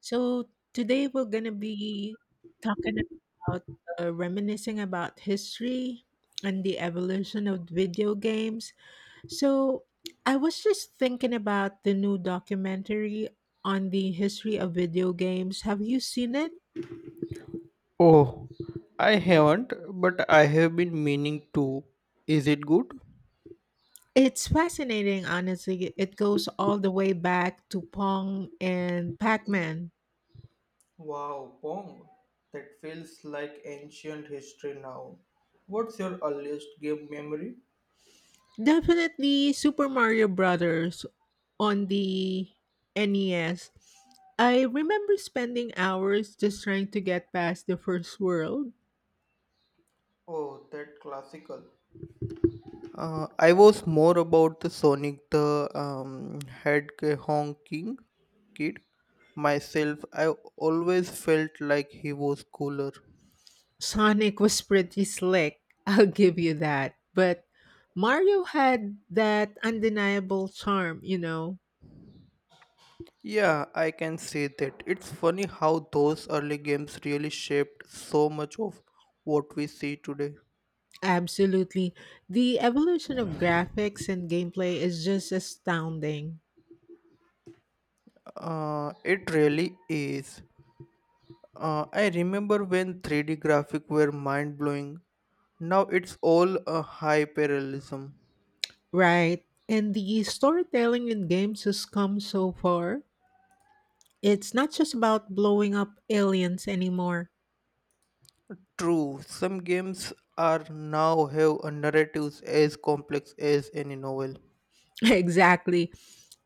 So today we're gonna be talking about reminiscing about history and the evolution of video games. So I was just thinking about the new documentary on the history of video games. Have you seen it? Oh, I haven't, but I have been meaning to. Is it good? It's fascinating, honestly. It goes all the way back to Pong and Pac Man. Wow, Pong, that feels like ancient history now. What's your earliest game memory? Definitely Super Mario Brothers on the NES. I remember spending hours just trying to get past the first world. Oh, that classical. I was more about the Sonic the Hedgehog King kid myself. I always felt like he was cooler. Sonic was pretty slick, I'll give you that. But Mario had that undeniable charm, you know. Yeah, I can say that. It's funny how those early games really shaped so much of what we see today. Absolutely. The evolution of graphics and gameplay is just astounding, It really is. I remember when 3D graphic were mind blowing. Now it's all a high parallelism. right? And the storytelling in games has come so far. It's not just about blowing up aliens anymore. True, some games are now have a narratives as complex as any novel. Exactly.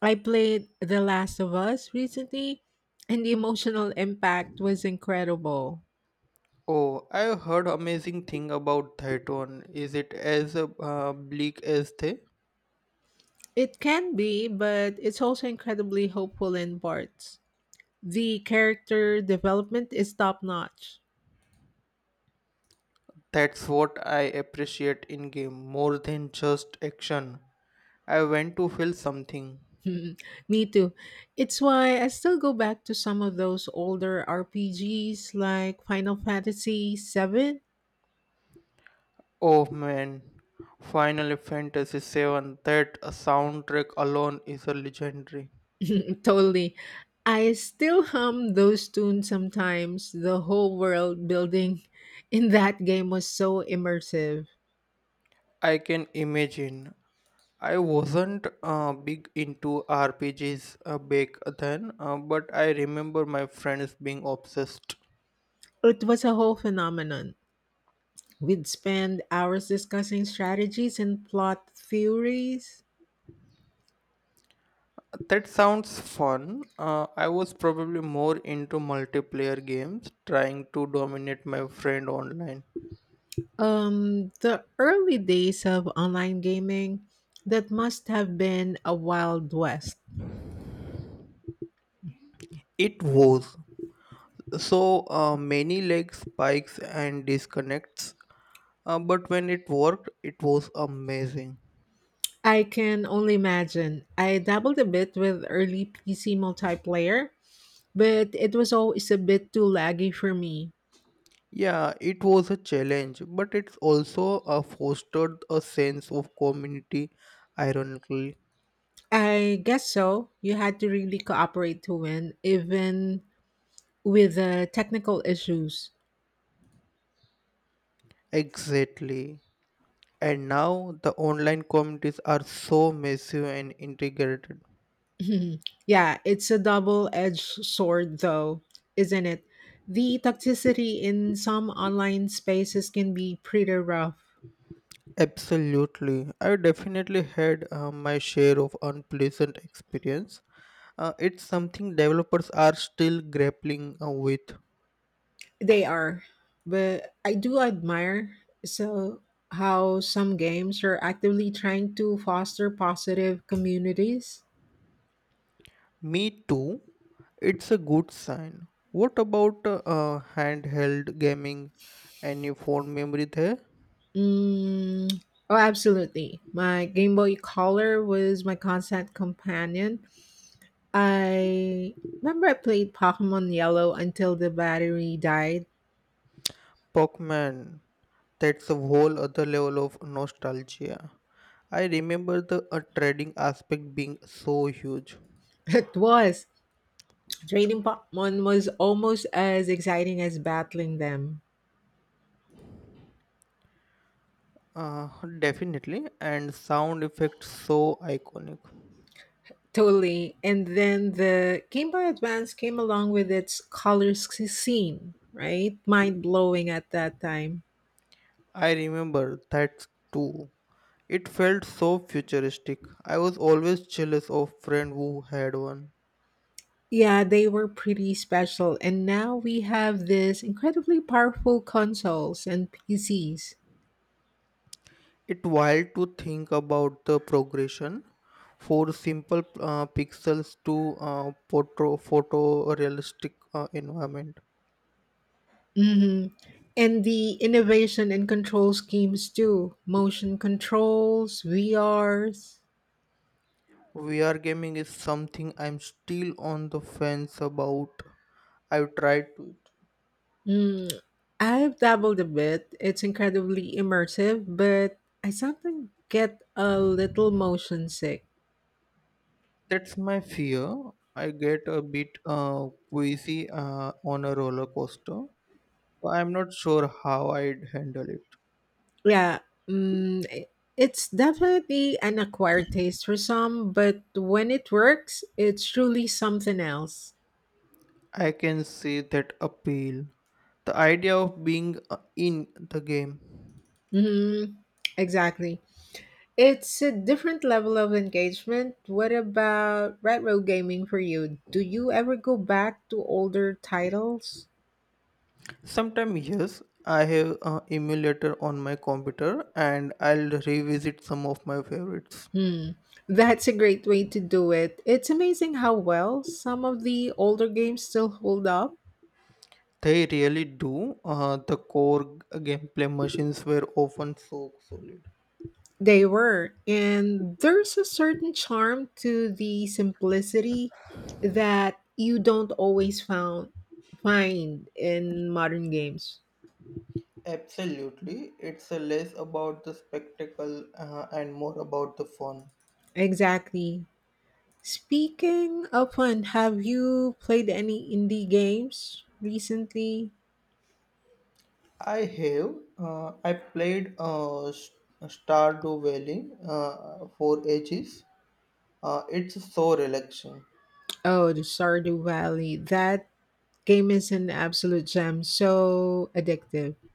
I played The Last of Us recently, and the emotional impact was incredible. Oh, I've heard amazing thing about that one. Is it as bleak as they? It can be, but it's also incredibly hopeful in parts. The character development is top notch. That's what I appreciate in game more than just action. I want to feel something. Me too. It's why I still go back to some of those older RPGs like Final Fantasy VII. Oh man, Final Fantasy Seven. That soundtrack alone is a legendary. Totally. I still hum those tunes sometimes. The whole world building in that game was so immersive. I can imagine. I wasn't big into RPGs back then, but I remember my friends being obsessed. It was a whole phenomenon. We'd spend hours discussing strategies and plot theories. That sounds fun. I was probably more into multiplayer games, trying to dominate my friend online. The early days of online gaming, that must have been a wild west. It was so many leg spikes and disconnects, but when it worked, it was amazing. I can only imagine. I dabbled a bit with early PC multiplayer, but it was always a bit too laggy for me. Yeah, it was a challenge, but it's also fostered a sense of community, ironically. I guess so. You had to really cooperate to win, even with the technical issues. Exactly. And now the online communities are so massive and integrated. Yeah, it's a double edged sword, though, isn't it? The toxicity in some online spaces can be pretty rough. Absolutely. I definitely had my share of unpleasant experience. It's something developers are still grappling with. They are. But I do admire so how some games are actively trying to foster positive communities. Me too. It's a good sign. What about handheld gaming? Any phone memory there? Mm, oh, absolutely. My Game Boy Color was my constant companion. I remember I played Pokemon Yellow until the battery died. Pokemon. That's a whole other level of nostalgia. I remember the trading aspect being so huge. It was. Trading Pokemon was almost as exciting as battling them. Uh, definitely, and sound effects so iconic. Totally. And then the Game Boy Advance came along with its scene, right? Mind blowing at that time. I remember that too. It felt so futuristic. I was always jealous of friends who had one. Yeah, they were pretty special, and now we have this incredibly powerful consoles and PCs. It wild to think about the progression for simple pixels to photo photorealistic environment. Hmm. And the innovation and control schemes too. Motion controls, VRs. VR gaming is something I'm still on the fence about. I've tried to. Mm. I've dabbled a bit. It's incredibly immersive, but I sometimes get a little motion sick. That's my fear. I get a bit queasy on a roller coaster. I'm not sure how I'd handle it. Yeah, mm, i- it's definitely an acquired taste for some, but when it works, it's truly something else. I can see that appeal. The idea of being in the game. Hmm. Exactly. It's a different level of engagement. What about retro gaming for you? Do you ever go back to older titles? Sometimes, yes, I have an emulator on my computer and I'll revisit some of my favorites. Hmm. That's a great way to do it. It's amazing how well some of the older games still hold up. They really do. The core gameplay machines were often so solid. They were, and there's a certain charm to the simplicity that you don't always found, find in modern games. Absolutely. It's less about the spectacle and more about the fun. Exactly. Speaking of fun, have you played any indie games recently? I have. I played Stardew Valley for ages. It's so relaxing. Oh, the Stardew Valley. That game is an absolute gem. So addictive.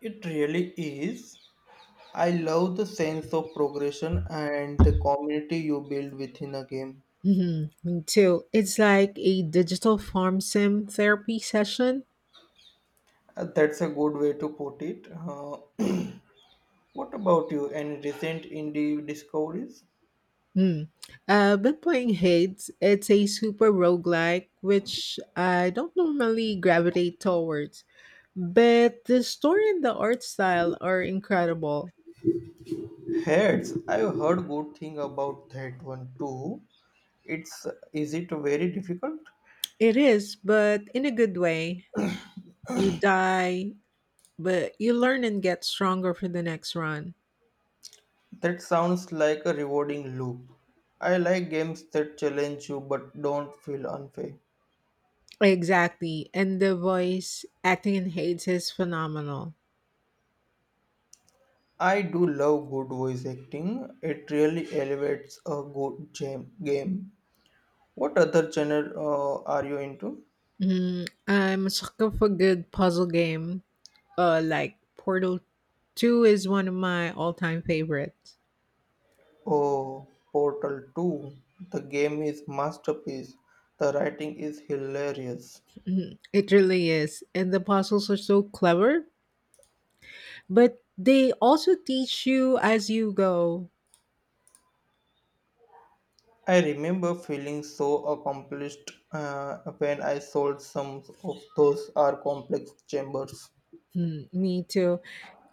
It really is. I love the sense of progression and the community you build within a game. Mm-hmm. Me too. It's like a digital farm sim therapy session. That's a good way to put it. What about you? Any recent indie discoveries? Hmm. I've been playing Hades. It's a super roguelike, which I don't normally gravitate towards, but the story and the art style are incredible. Heads. I've heard good thing about that one too. It's is it very difficult? It is, but in a good way. You die, but you learn and get stronger for the next run. That sounds like a rewarding loop. I like games that challenge you but don't feel unfair. Exactly. And the voice acting in Hades is phenomenal. I do love good voice acting. It really elevates a good game. What other genre are you into? Mhm. I'm a sucker for good puzzle game. Like Portal 2 is one of my all time favorites. Oh, Portal 2. The game is masterpiece. The writing is hilarious. Mhm. It really is. And the puzzles are so clever, but they also teach you as you go. I remember feeling so accomplished when I solved some of those are complex chambers. Mm, me too.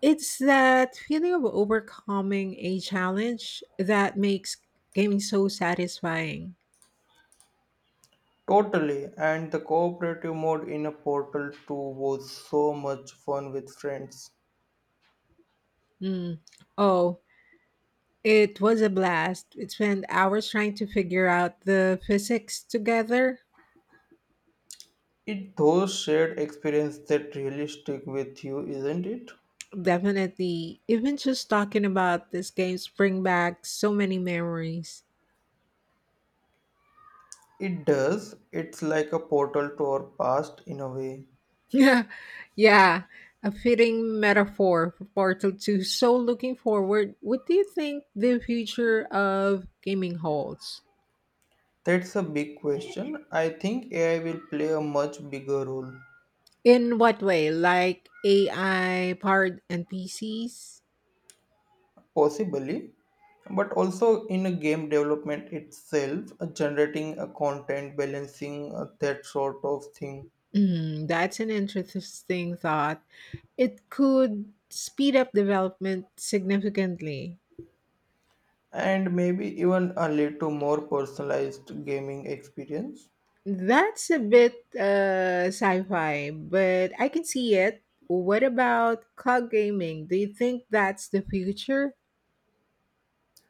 It's that feeling of overcoming a challenge that makes gaming so satisfying. Totally, and the cooperative mode in a Portal 2 was so much fun with friends. Mm. Oh, it was a blast. We spent hours trying to figure out the physics together. It those shared experience that really stick with you, isn't it? Definitely. Even just talking about this game bring back so many memories. It does. It's like a portal to our past in a way. Yeah, yeah. A fitting metaphor for Portal 2. So looking forward, what do you think the future of gaming holds? That's a big question. I think AI will play a much bigger role, In what way? Like AI powered NPCs? possibly, but also in a game development itself, generating a content, balancing that sort of thing, Mm, that's an interesting thought. It could speed up development significantly. and maybe even a little more personalized gaming experience. That's a bit sci fi, but I can see it. What about cloud gaming? Do you think that's the future?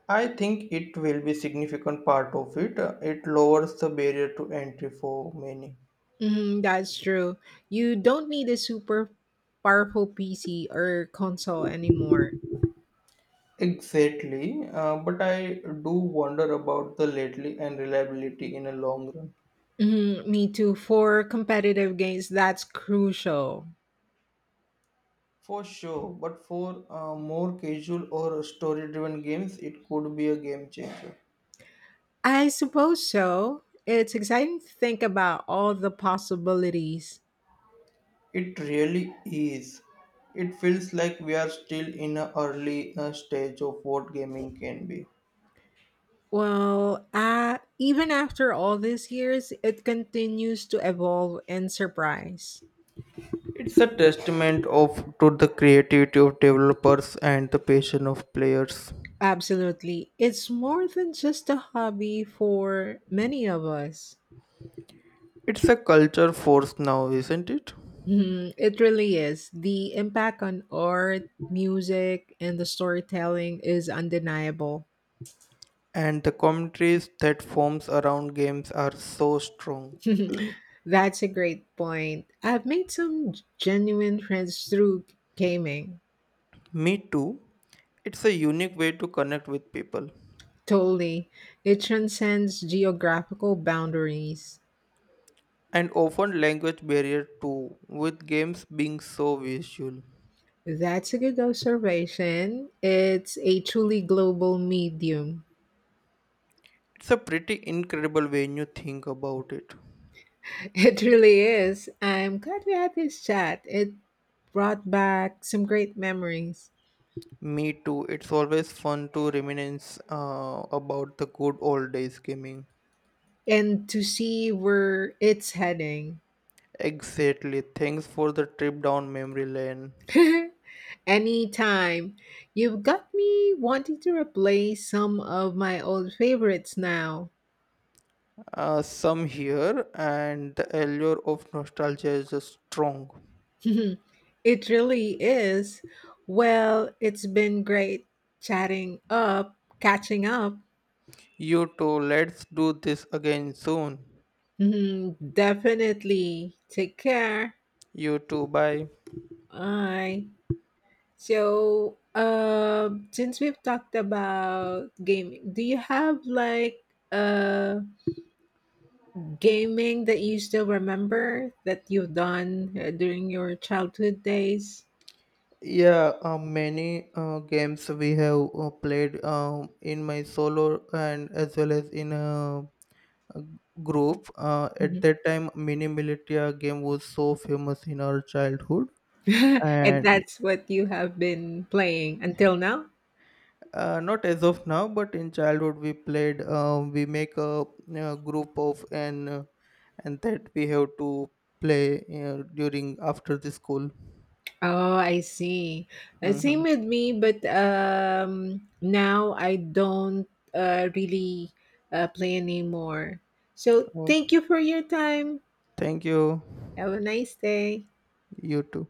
I think it will be significant part of it. It lowers the barrier to entry for many. Mm, that's true. You don't need a super powerful PC or console anymore. Exactly, but I do wonder about the lately and reliability in a long run. Mhm, me too. For competitive games, that's crucial. For sure, but for more casual or story-driven games, it could be a game changer. I suppose so. It's exciting to think about all the possibilities. It really is. It feels like we are still in an early stage of what gaming can be. Well, even after all these years, it continues to evolve and surprise. It's a testament of to the creativity of developers and the passion of players. Absolutely. It's more than just a hobby for many of us. It's a culture force now, isn't it? Mhm, it really is. The impact on art, music, and the storytelling is undeniable. And the commentaries that forms around games are so strong. That's a great point. I've made some genuine friends through gaming. Me too. It's a unique way to connect with people, Totally. It transcends geographical boundaries. and often language barrier too with games being so visual. That's a good observation. It's a truly global medium. It's a pretty incredible when you think about it. It really is. I'm glad we had this chat. It brought back some great memories Me too. It's always fun to reminisce about the good old days gaming. and to see where it's heading. Exactly. Thanks for the trip down memory lane. Anytime. You've got me wanting to replace some of my old favorites now. Some here, and the allure of nostalgia is just strong. It really is. Well, it's been great chatting up, catching up. You too. Let's do this again soon. Mhm, definitely. Take care. You too. Bye. Bye. So, since we've talked about gaming, do you have like uh gaming that you still remember that you've done during your childhood days? Yeah, many games we have played in my solo and as well as in uh, group. At Mhm. that time, Mini Militia game was so famous in our childhood, And and that's what you have been playing until now? Not as of now, but in childhood we played. We make a, group of and that we have to play during after the school. Oh, I see. Hmm. Same with me, but now I don't really play anymore. So Oh, thank you for your time. thank you. Have a nice day. You too.